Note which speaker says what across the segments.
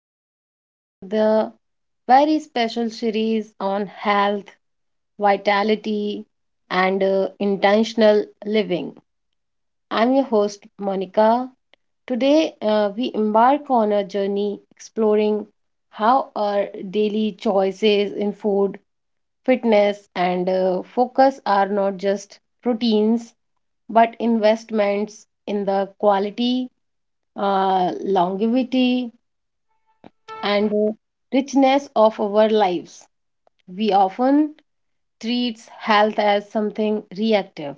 Speaker 1: listeners, to the very special series on health, vitality, and intentional living. I'm your host, Monica. Today, we embark on a journey exploring how our daily choices in food, fitness, and focus are not just routines but investments in the quality, longevity, and richness of our lives. We often treat health as something reactive.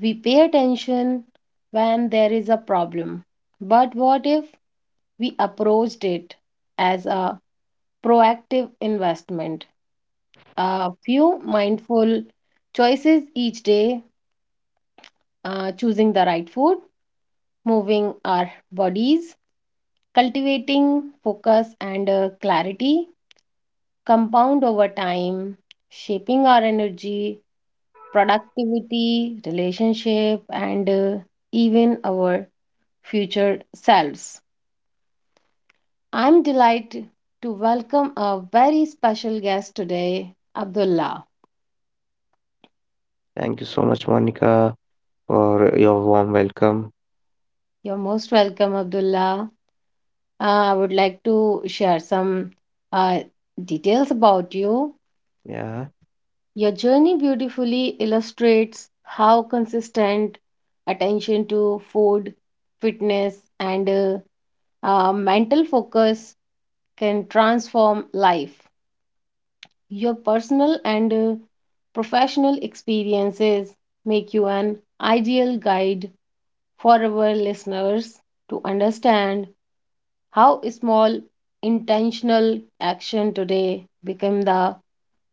Speaker 1: We pay attention when there is a problem. But what if we approached it as a proactive investment? A few mindful choices each day, choosing the right food, moving our bodies, cultivating focus and clarity, compound over time, shaping our energy, productivity, relationship, and even our future selves. I'm delighted to welcome a very special guest today, Abdullah.
Speaker 2: Thank you so much, Monica, for your warm welcome.
Speaker 1: You're most welcome, Abdullah. I would like to share some uh, details about you.
Speaker 2: Yeah,
Speaker 1: Your journey beautifully illustrates how consistent attention to food, fitness, and mental focus can transform life. Your personal and professional experiences make you an ideal guide for our listeners to understand how small intentional action today become the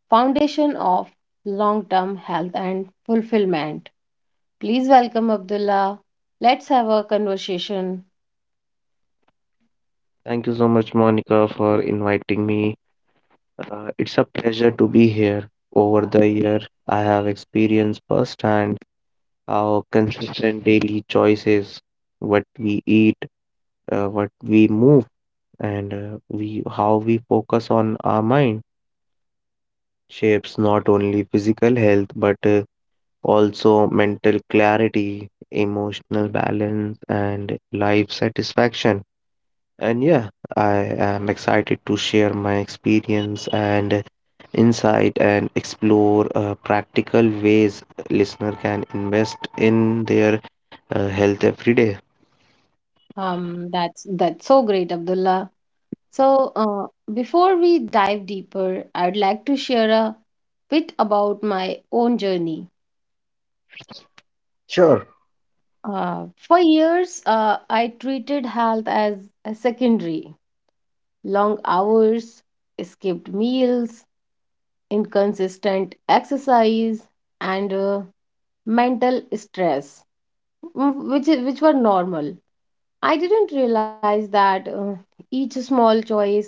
Speaker 1: foundation of long-term health and fulfillment. Please welcome Abdullah. Let's have a conversation.
Speaker 2: thank you so much, Monica, for inviting me. It's a pleasure to be here. Over the year, I have experienced firsthand how consistent daily choices, what we eat, what we move, and we how we focus on our mind shapes not only physical health but also mental clarity, emotional balance, and life satisfaction. And yeah, I am excited to share my experience and insight and explore practical ways listener can invest in their health every day.
Speaker 1: That's so great, Abdullah. So, before we dive deeper, I'd like to share a bit about my own journey.
Speaker 2: Sure.
Speaker 1: For years, I treated health as a secondary. Long hours, skipped meals, inconsistent exercise, and mental stress, which were normal. I didn't realize that each small choice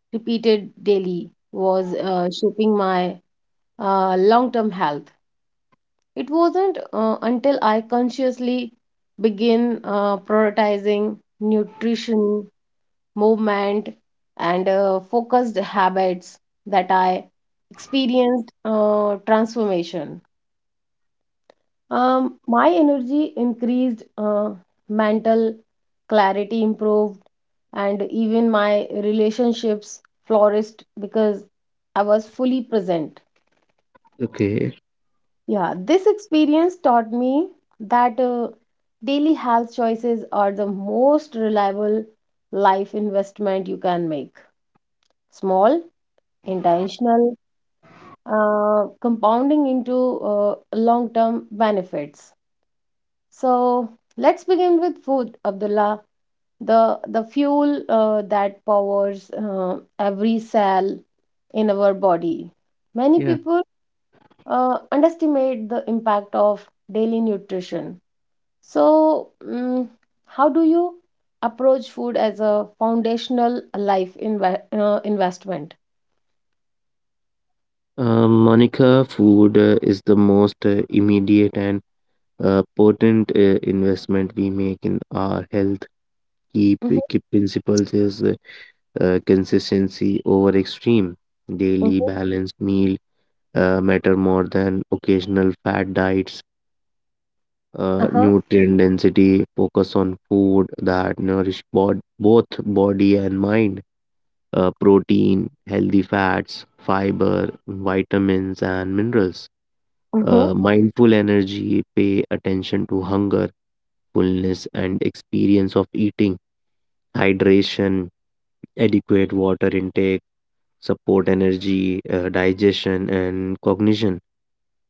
Speaker 1: repeated daily was shaping my long term health. It wasn't until I consciously began prioritizing nutrition, movement, and focused habits that I experienced transformation. My energy increased, mental clarity improved, and even my relationships flourished because I was fully present.
Speaker 2: Okay,
Speaker 1: Yeah, this experience taught me that daily health choices are the most reliable life investment you can make. Small, intentional, compounding into long term benefits. So let's begin with food, Abdullah. The fuel that powers every cell in our body. Many
Speaker 2: yeah.
Speaker 1: people underestimate the impact of daily nutrition. So, how do you approach food as a foundational life investment?
Speaker 2: Monica, food is the most immediate and potent investment we make in our health. Key,
Speaker 1: Mhm,
Speaker 2: key principles is consistency over extreme, daily
Speaker 1: mhm,
Speaker 2: balanced meal matter more than occasional fat diets.
Speaker 1: uh-huh,
Speaker 2: Nutrient density, focus on food that nourish both body and mind, protein, healthy fats, fiber, vitamins, and minerals.
Speaker 1: mhm.
Speaker 2: Mindful energy, pay attention to hunger, fullness, and experience of eating. Hydration, adequate water intake, support energy, digestion, and cognition.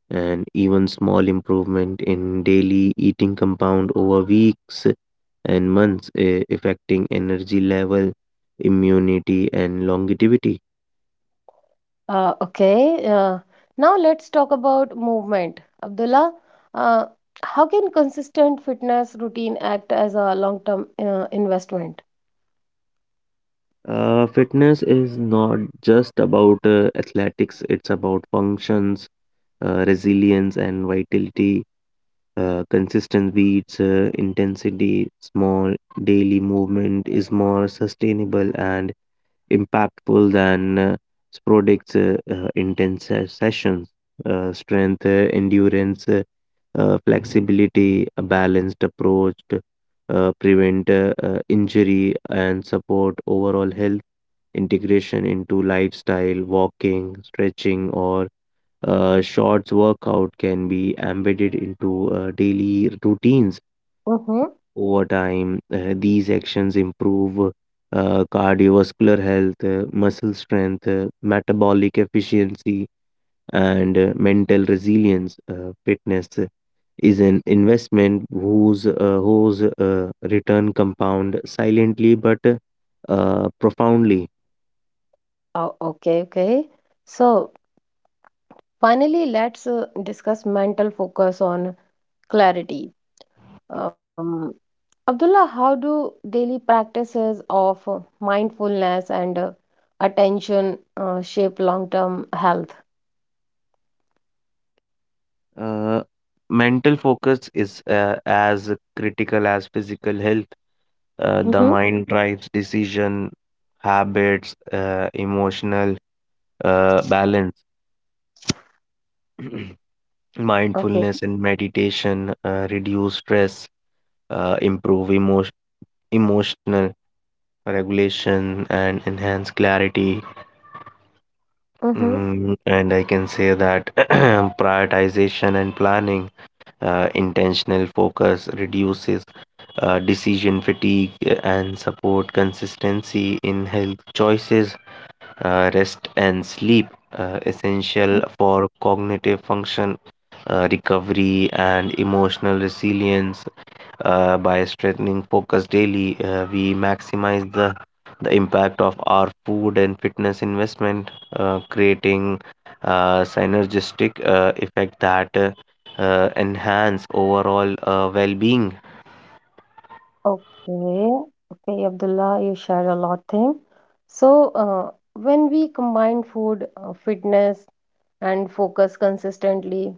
Speaker 2: And even small improvement in daily eating compound over weeks and months affecting energy level, immunity, and longevity.
Speaker 1: Okay. Now let's talk about movement. Abdullah, uh, how can consistent fitness routine act as a long-term investment?
Speaker 2: Fitness is not just about athletics, it's about functions, resilience, and vitality. Consistent beats intensity. Small daily movement is more sustainable and impactful than sporadic intense sessions. Strength, endurance, flexibility, a balanced approach to prevent injury and support overall health. Integration into lifestyle, walking, stretching, or shorts workout can be embedded into daily routines.
Speaker 1: Mm-hmm.
Speaker 2: Over time, these actions improve cardiovascular health, muscle strength, metabolic efficiency, and mental resilience. Fitness is an investment whose return compound silently but profoundly.
Speaker 1: Oh, okay, okay. So finally, let's discuss mental focus on clarity. Um, Abdullah, how do daily practices of mindfulness and attention shape long-term health?
Speaker 2: Uh, mental focus is as critical as physical health. The
Speaker 1: Mm-hmm.
Speaker 2: mind drives decision, habits, emotional balance.
Speaker 1: Okay.
Speaker 2: mindfulness and meditation reduce stress, improve emo emotional regulation, and enhance clarity.
Speaker 1: Mm-hmm.
Speaker 2: Mm, and I can say that prioritization and planning, intentional focus reduces decision fatigue and support consistency in health choices. Rest and sleep, essential for cognitive function, recovery, and emotional resilience. By strengthening focus daily, we maximize the impact of our food and fitness investment, creating a synergistic effect that enhance overall well-being.
Speaker 1: Okay. Okay, Abdullah, you shared a lot thing. So, when we combine food, fitness, and focus consistently,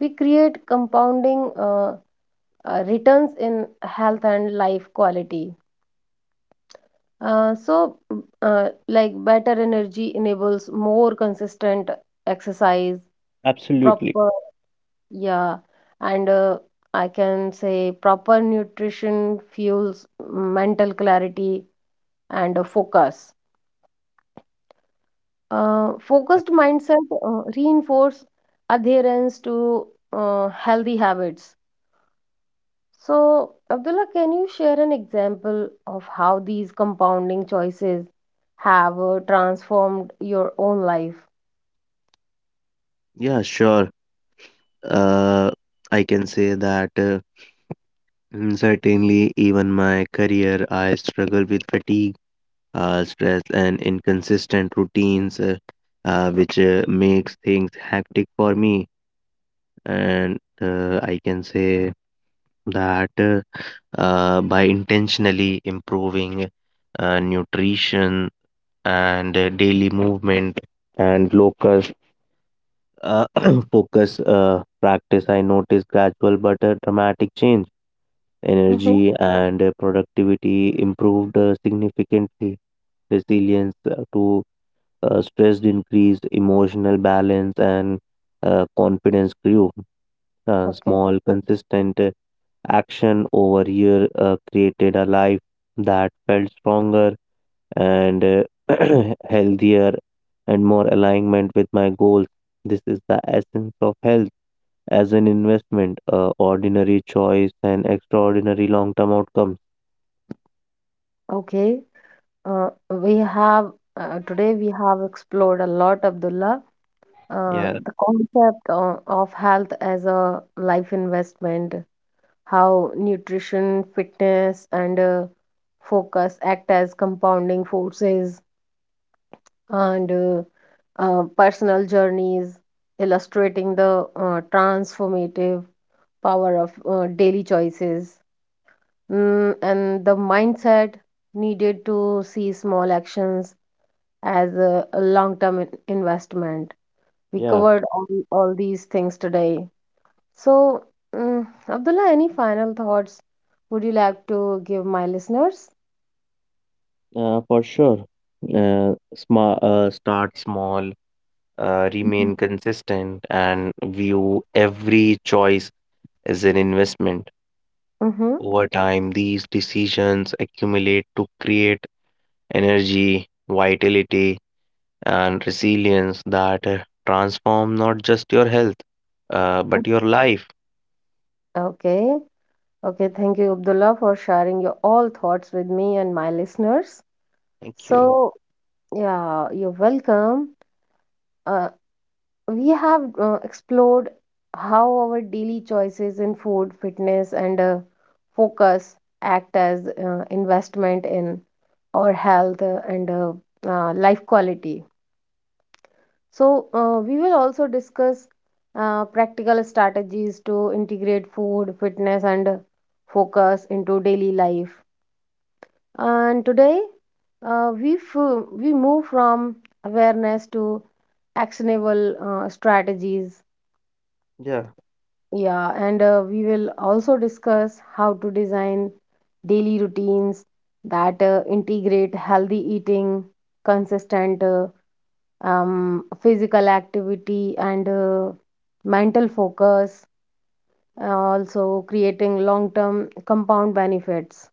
Speaker 1: we create compounding returns in health and life quality. So, like better energy enables more consistent exercise,
Speaker 2: Absolutely.
Speaker 1: proper, yeah, and I can say proper nutrition fuels mental clarity and focus. Focused mindset reinforce adherence to healthy habits. So, Abdullah, can you share an example of how these compounding choices have transformed your own life?
Speaker 2: Yeah, sure. Uh, I can say that. Certainly, even my career, I struggle with fatigue, stress, and inconsistent routines, which makes things hectic for me. And I can say that by intentionally improving nutrition and daily movement and locus uh, focus practice, I notice gradual but dramatic change.
Speaker 1: Hmm.
Speaker 2: Energy and productivity improved significantly. Resilience to stress increased, emotional balance, and confidence grew.
Speaker 1: Okay.
Speaker 2: Small, consistent action over year created a life that felt stronger and healthier and more alignment with my goals. This is the essence of health as an investment, ordinary choice, and extraordinary long term outcome.
Speaker 1: Okay. We have Today we have explored a lot, Abdullah,
Speaker 2: Yeah,
Speaker 1: the concept of health as a life investment, how nutrition, fitness, and focus act as compounding forces, and personal journeys, illustrating the transformative power of daily choices, and the mindset needed to see small actions as a long term investment. We
Speaker 2: yeah,
Speaker 1: covered all these things today. So, Abdullah, any final thoughts would you like to give my listeners?
Speaker 2: for sure. Sma Start small, remain consistent, and view every choice as an investment.
Speaker 1: Mm-hmm.
Speaker 2: Over time, these decisions accumulate to create energy, vitality, and resilience that transform not just your health, but your life.
Speaker 1: Okay. Okay. Thank you, Abdullah, for sharing your all thoughts with me and my listeners.
Speaker 2: Thank you.
Speaker 1: So, yeah, you're welcome. Uh, we have explored how our daily choices in food, fitness, and focus act as investment in our health and life quality. So, we will also discuss practical strategies to integrate food, fitness, and focus into daily life. And today, we move from awareness to actionable strategies.
Speaker 2: Yeah.
Speaker 1: Yeah, and we will also discuss how to design daily routines that integrate healthy eating, consistent physical activity, and mental focus, also creating long term compound benefits.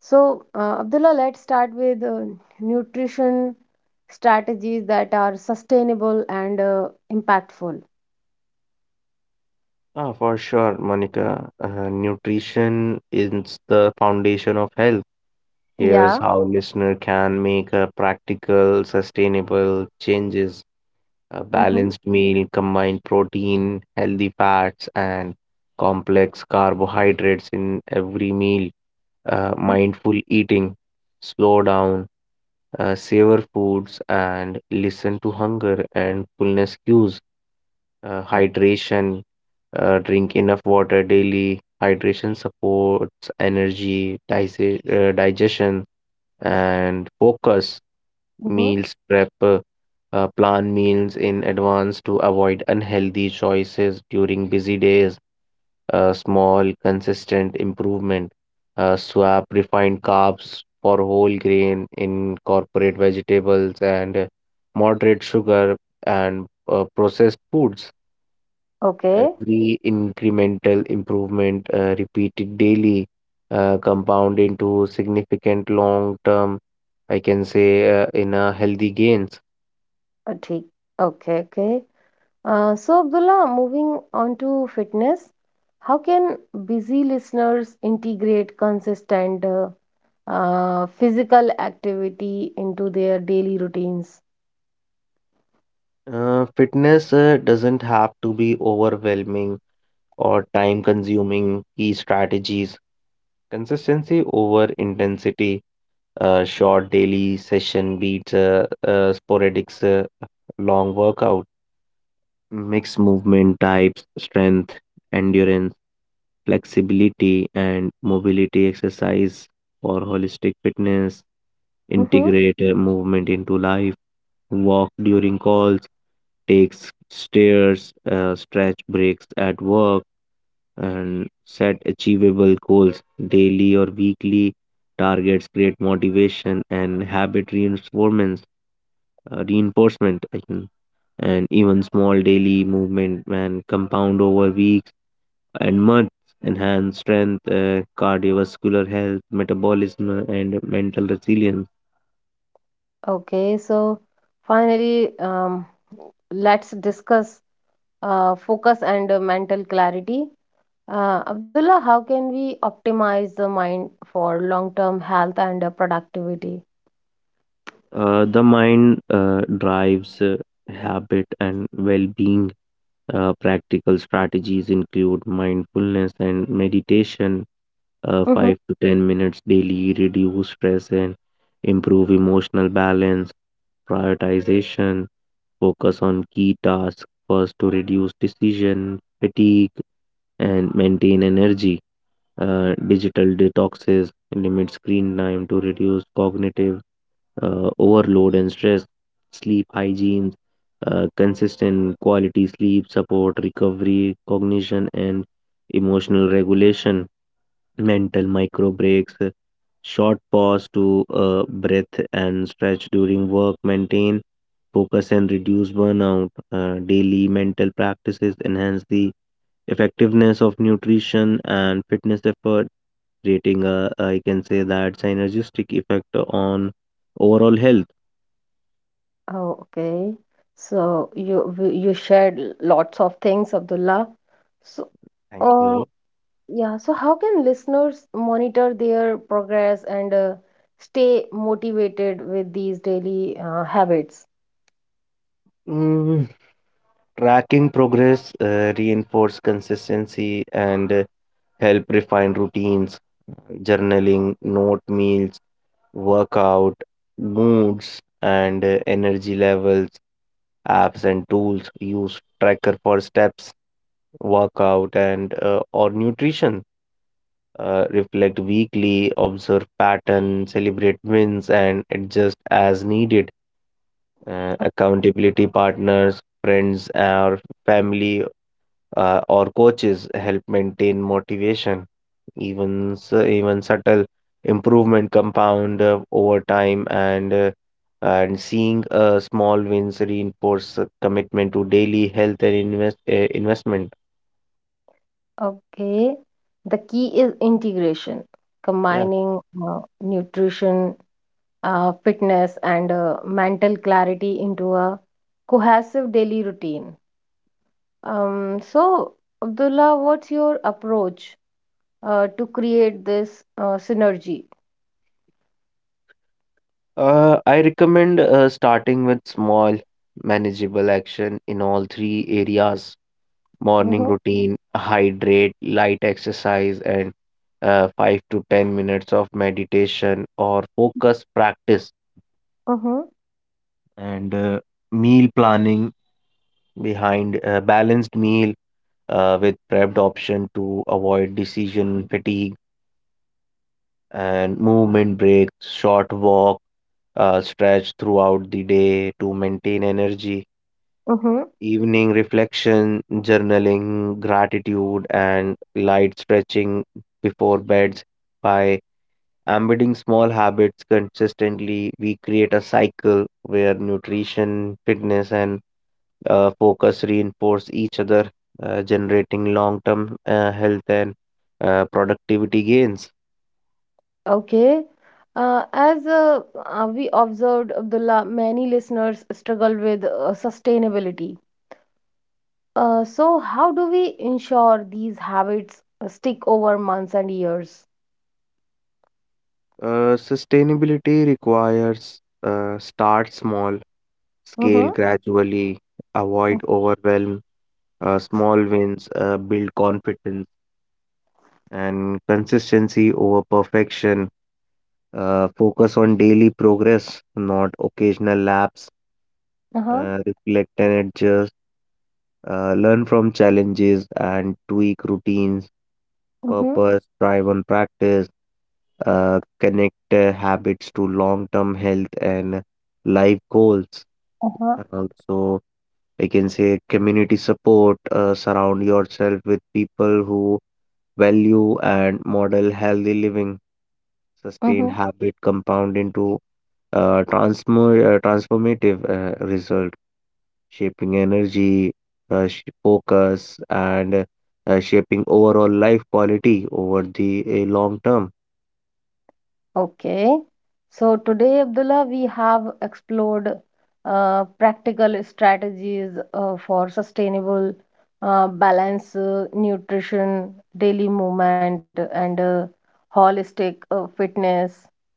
Speaker 1: So, Abdullah, let's start with nutrition strategies that are sustainable and impactful.
Speaker 2: Ah, for sure, Monica. Nutrition is the foundation of health. Here's
Speaker 1: Yeah.
Speaker 2: how listener can make a practical, sustainable changes. A
Speaker 1: Mm-hmm.
Speaker 2: balanced meal combine protein, healthy fats, and complex carbohydrates in every meal. Mindful eating, slow down, savor foods, and listen to hunger and fullness cues. Hydration, drink enough water daily. Hydration supports energy, digestion, and focus.
Speaker 1: Mm-hmm.
Speaker 2: Meals prep, plan meals in advance to avoid unhealthy choices during busy days. Small consistent improvement, swap refined carbs for whole grain, incorporate vegetables and moderate sugar and processed foods.
Speaker 1: Okay.
Speaker 2: Every incremental improvement, repeated daily, compound into significant long-term, I can say, in a healthy gains.
Speaker 1: ठीक. Okay. Okay. So, Abdullah, moving on to fitness, how can busy listeners integrate consistent physical activity into their daily routines?
Speaker 2: Fitness doesn't have to be overwhelming or time-consuming. Key strategies. Consistency over intensity. A short daily session beats a sporadic long workout. Mix movement types, strength, endurance, flexibility, and mobility exercise for holistic fitness.
Speaker 1: Mm-hmm.
Speaker 2: Integrate movement into life. Walk during calls, take stairs, stretch breaks at work, and set achievable goals daily or weekly. Targets create motivation and habit reinforcements. Reinforcement. I think and even small daily movement can compound over weeks and months, enhance strength, cardiovascular health, metabolism, and mental resilience.
Speaker 1: Okay. So, finally, let's discuss focus and mental clarity. Abdullah, how can we optimize the mind for long-term health and productivity?
Speaker 2: The mind drives habit and well being. Practical strategies include mindfulness and meditation,
Speaker 1: Hmm.
Speaker 2: 5 to 10 minutes daily, reduce stress and improve emotional balance. Prioritization, focus on key tasks first to reduce decision fatigue and maintain energy. Digital detoxes limit screen time to reduce cognitive overload and stress. Sleep hygiene, consistent quality sleep support recovery, cognition, and emotional regulation. Mental micro breaks, short pause to breath and stretch during work, maintain focus and reduce burnout. Daily mental practices enhance the effectiveness of nutrition and fitness effort, creating a, I can say that, synergistic effect on overall health.
Speaker 1: Oh, okay. So you shared lots of things, Abdullah. So,
Speaker 2: Thank
Speaker 1: uh,
Speaker 2: you.
Speaker 1: yeah. So how can listeners monitor their progress and stay motivated with these daily habits?
Speaker 2: Mm, tracking progress, reinforce consistency, and help refine routines. Journaling, note meals, workout, moods, and energy levels. Apps and tools, use tracker for steps, workout, and or nutrition. Reflect weekly, observe pattern, celebrate wins, and adjust as needed.
Speaker 1: O-
Speaker 2: Accountability partners, friends, or family or coaches help maintain motivation. Even even subtle improvement compound over time, and seeing small wins reinforce a commitment to daily health and investment.
Speaker 1: Okay. The key is integration,
Speaker 2: Yeah,
Speaker 1: combining nutrition fitness and mental clarity into a cohesive daily routine. So, Abdullah, what's your approach to create this synergy?
Speaker 2: I recommend starting with small, manageable action in all three areas. Morning
Speaker 1: Mm-hmm,
Speaker 2: routine, hydrate, light exercise, and 5 to 10 minutes of meditation or focus practice,
Speaker 1: mm-hmm,
Speaker 2: and meal planning behind a balanced meal with prepped option to avoid decision fatigue, and movement breaks, short walk, stretch throughout the day to maintain energy.
Speaker 1: mm-hmm.
Speaker 2: Evening reflection, journaling, gratitude, and light stretching before beds. By embedding small habits consistently, we create a cycle where nutrition, fitness, and focus reinforce each other, generating long term health and productivity gains.
Speaker 1: Okay. As we observed, Abdullah, many listeners struggle with sustainability. So, how do we ensure these habits stick over months and years?
Speaker 2: Sustainability requires, start small, scale
Speaker 1: Mm-hmm.
Speaker 2: gradually, avoid overwhelm. Small wins build confidence and consistency over perfection. Focus on daily progress, not occasional laps.
Speaker 1: Uh-huh.
Speaker 2: Reflect and adjust. Learn from challenges and tweak routines.
Speaker 1: Mm-hmm.
Speaker 2: Purpose, thrive on practice. Connect habits to long term health and life goals.
Speaker 1: Uh-huh.
Speaker 2: Also, I can say community support. Surround yourself with people who value and model healthy living. Sustained habit compound into transformative result, shaping energy, focus, and shaping overall life quality over the long term.
Speaker 1: Okay. So today, Abdullah, we have explored practical strategies for sustainable balance, nutrition, daily movement, and holistic fitness.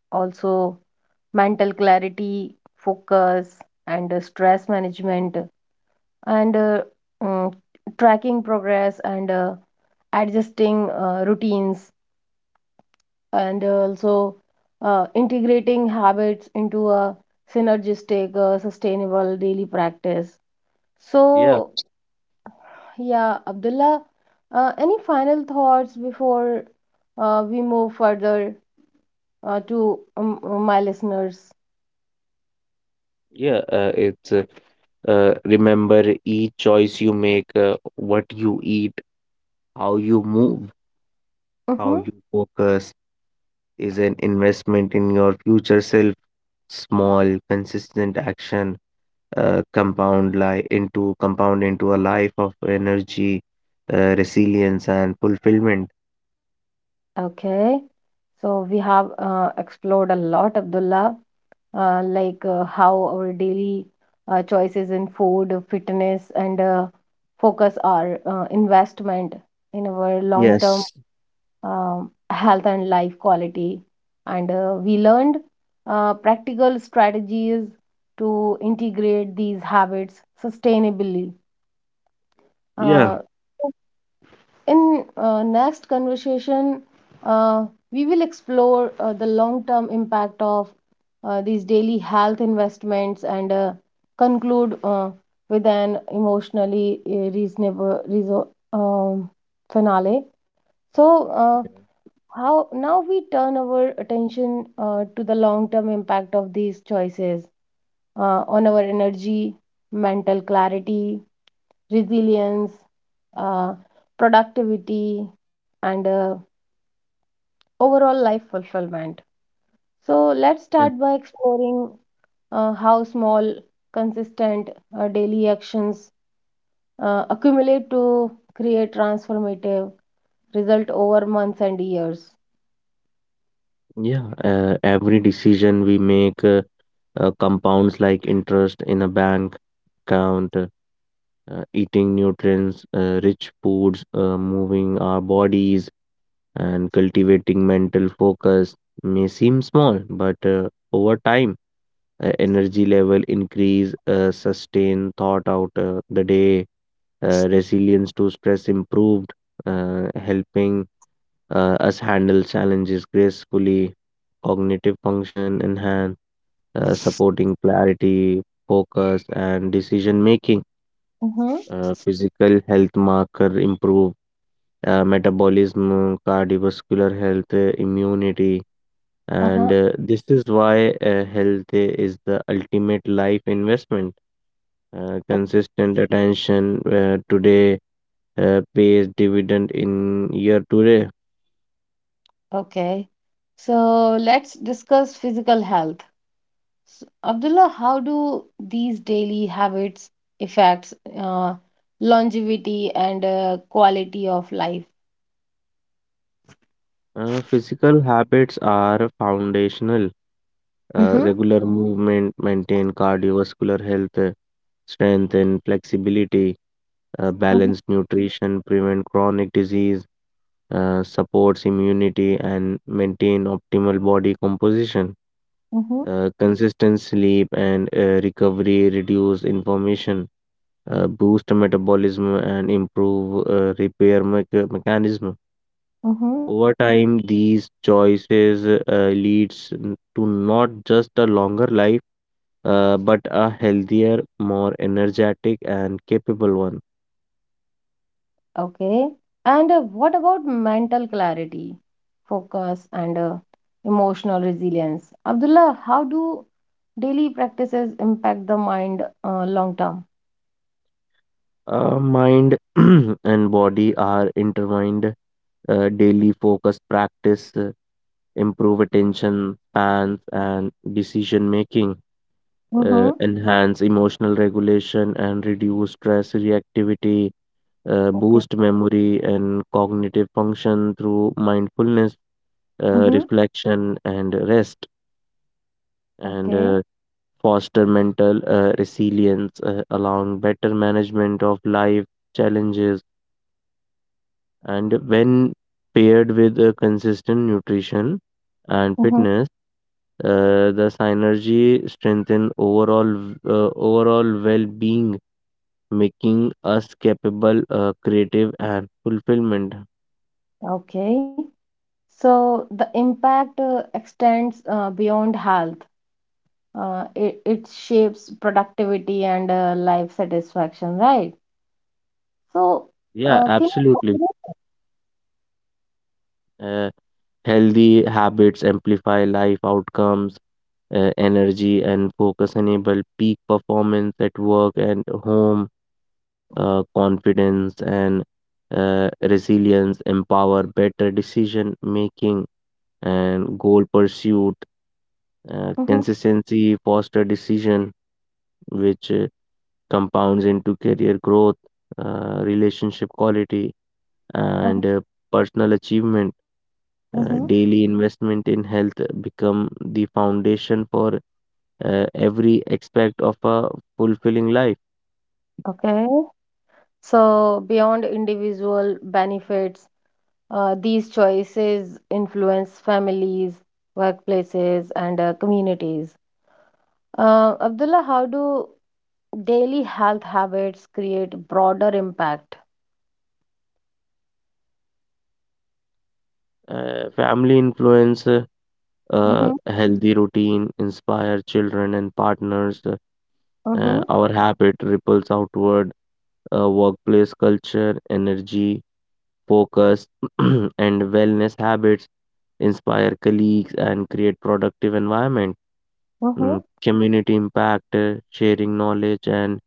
Speaker 1: Also, mental clarity, focus, and stress management, and mm, tracking progress and adjusting routines and also integrating habits into a synergistic, sustainable daily practice.
Speaker 2: Yeah,
Speaker 1: So, yeah, Abdullah, any final thoughts before we move further to my listeners?
Speaker 2: yeah, it's remember each choice you make, what you eat, how you move, how
Speaker 1: Mhm.
Speaker 2: you focus is an investment in your future self. Small, consistent action compound into a life of energy, resilience, and fulfillment.
Speaker 1: Okay. So we have explored a lot, Abdullah, like how our daily choices in food, fitness, and focus are investment in our long-term
Speaker 2: Yes.
Speaker 1: health and life quality. And we learned practical strategies to integrate these habits sustainably.
Speaker 2: Yeah,
Speaker 1: Uh, in next conversation, uh, we will explore the long-term impact of these daily health investments and conclude with an emotionally reasonable reason, um, finale. So, how now we turn our attention to the long-term impact of these choices on our energy, mental clarity, resilience, uh, productivity, and overall life fulfillment. So, let's
Speaker 2: Yeah.
Speaker 1: start by exploring how small, consistent daily actions accumulate to create transformative result over months and years.
Speaker 2: Yeah. Every decision we make compounds like interest in a bank account, eating nutrients, rich foods, moving our bodies, and cultivating mental focus may seem small, but over time, energy level increase, sustain thought out the day, resilience to stress improved, helping us handle challenges gracefully, cognitive function enhanced, supporting clarity, focus, and decision making,
Speaker 1: Mm-hmm.
Speaker 2: physical health marker improve. Metabolism, cardiovascular health, immunity, and
Speaker 1: Uh-huh.
Speaker 2: this is why health is the ultimate life investment.
Speaker 1: O-
Speaker 2: Consistent attention today pays dividend in year today.
Speaker 1: Okay. So let's discuss physical health. So, Abdullah, how do these daily habits affect longevity and quality of life?
Speaker 2: Physical habits are foundational.
Speaker 1: Mm-hmm.
Speaker 2: Regular movement maintain cardiovascular health, strength, and flexibility.
Speaker 1: Mhm,
Speaker 2: Balanced nutrition prevent chronic disease, supports immunity and maintain optimal body composition.
Speaker 1: mhm,
Speaker 2: Consistent sleep and recovery reduce inflammation, boost metabolism, and improve repair mechanism.
Speaker 1: mhm.
Speaker 2: Over time, these choices leads n- to not just a longer life, but a healthier, more energetic, and capable one.
Speaker 1: Okay. And what about mental clarity, focus, and emotional resilience? Abdullah, how do daily practices impact the mind long term?
Speaker 2: Mind and body are intertwined. Daily focus practice improve attention spans and decision making,
Speaker 1: Mm-hmm.
Speaker 2: enhance emotional regulation and reduce stress reactivity, boost
Speaker 1: Okay.
Speaker 2: memory and cognitive function through mindfulness,
Speaker 1: Mm-hmm.
Speaker 2: reflection, and rest, and
Speaker 1: Okay.
Speaker 2: foster mental resilience, allowing better management of life challenges. And when paired with consistent nutrition and
Speaker 1: Mm-hmm.
Speaker 2: fitness, the synergy strengthen overall well-being, making us capable, creative, and fulfillment.
Speaker 1: Okay. So the impact extends beyond health. It shapes productivity and life satisfaction, right? So,
Speaker 2: Yeah,
Speaker 1: can
Speaker 2: absolutely.
Speaker 1: you
Speaker 2: Uh, Healthy habits amplify life outcomes, energy and focus enable peak performance at work and home, confidence and resilience empower better decision making and goal pursuit.
Speaker 1: Mhm,
Speaker 2: Consistency foster decision, which compounds into career growth, relationship quality,
Speaker 1: uh,
Speaker 2: and personal achievement. Uh,
Speaker 1: mhm.
Speaker 2: daily investment in health become the foundation for every aspect of a fulfilling life.
Speaker 1: Okay. So beyond individual benefits, these choices influence families, workplaces, and communities. Abdullah, how do daily health habits create broader impact?
Speaker 2: Family influence,
Speaker 1: Mm-hmm.
Speaker 2: a healthy routine, inspire children and partners.
Speaker 1: Mm-hmm.
Speaker 2: Our habit ripples outward. Workplace culture, energy, focus, and wellness habits inspire colleagues and create productive environment.
Speaker 1: Mm-hmm.
Speaker 2: Mm, community impact, sharing knowledge, and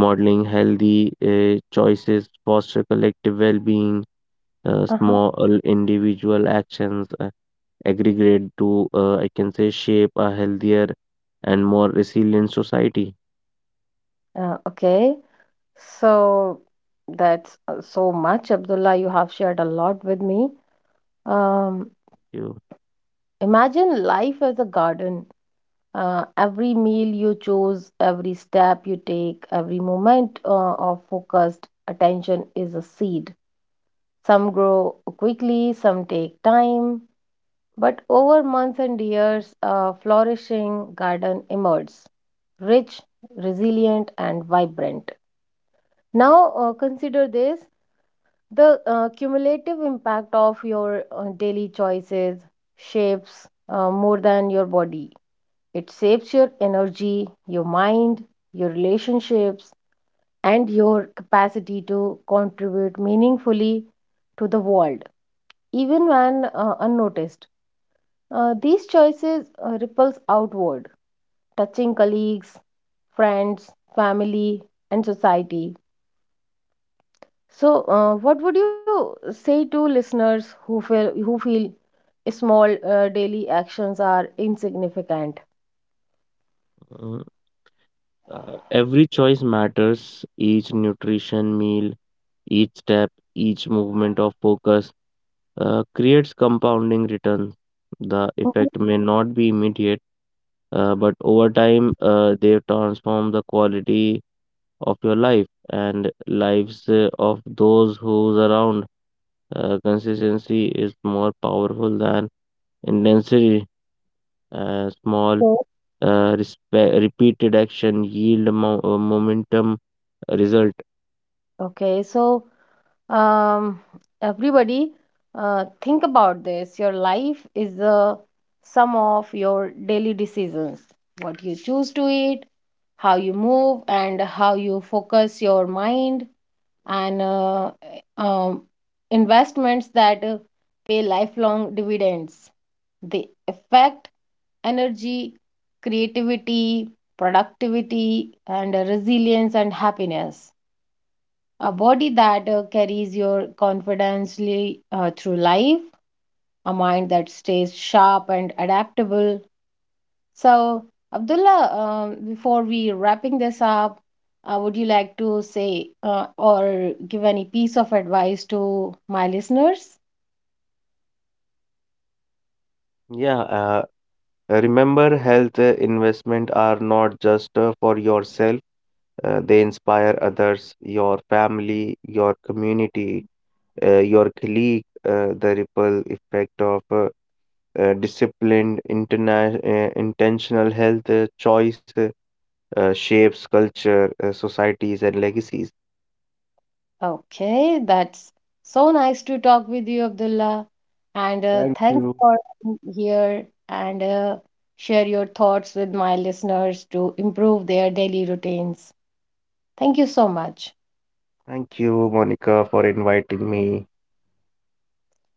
Speaker 2: modeling healthy choices foster collective well-being.
Speaker 1: Uh-huh.
Speaker 2: Small individual actions aggregate to, I can say, shape a healthier and more resilient society.
Speaker 1: Okay. So that's so much, Abdullah. You have shared a lot with me. Um,
Speaker 2: You,
Speaker 1: Imagine life as a garden. Every meal you choose, every step you take, every moment of focused attention is a seed. Some grow quickly, some take time, but over months and years, a flourishing garden emerges, rich, resilient, and vibrant. Now, consider this. The cumulative impact of your daily choices shapes more than your body. It shapes your energy, your mind, your relationships, and your capacity to contribute meaningfully to the world, even when unnoticed. These choices ripples outward, touching colleagues, friends, family, and society. So, what would you say to listeners who feel small daily actions are insignificant.
Speaker 2: uh, every choice matters. Each nutrition meal, each step, each movement of focus creates compounding returns. The
Speaker 1: Okay.
Speaker 2: effect may not be immediate. But over time, they've transformed the quality of your life and lives of those who's around. Consistency is more powerful than intensity. Small,
Speaker 1: So,
Speaker 2: respe- repeated action yield momentum result.
Speaker 1: okay, so um, everybody, think about this. Your life is the sum of your daily decisions. What you choose to eat, how you move, and how you focus your mind, and um, investments that pay lifelong dividends. They affect energy, creativity, productivity, and resilience and happiness. A body that carries your confidently through life, a mind that stays sharp and adaptable. So, Abdullah, before we wrapping this up, would you like to say or give any piece of advice to my listeners?
Speaker 2: Yeah, remember, health investment are not just for yourself, they inspire others, your family, your community, your colleague. The ripple effect of disciplined intentional health choice shapes culture, societies, and legacies.
Speaker 1: Okay, that's so nice to talk with you, Abdullah. And
Speaker 2: Thank
Speaker 1: thanks
Speaker 2: you.
Speaker 1: for being here and share your thoughts with my listeners to improve their daily routines. Thank you so much.
Speaker 2: Thank you, Monica, for inviting me.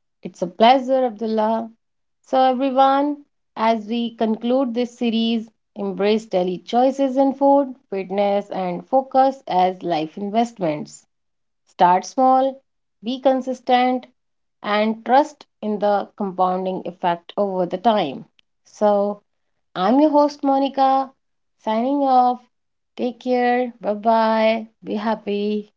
Speaker 1: It's a pleasure, Abdullah. So, everyone, as we conclude this series, embrace daily choices in food, fitness, and focus as life investments. Start small, be consistent, and trust in the compounding effect over the time. So, I'm your host Monica, signing off. Take care. Bye bye. Be happy.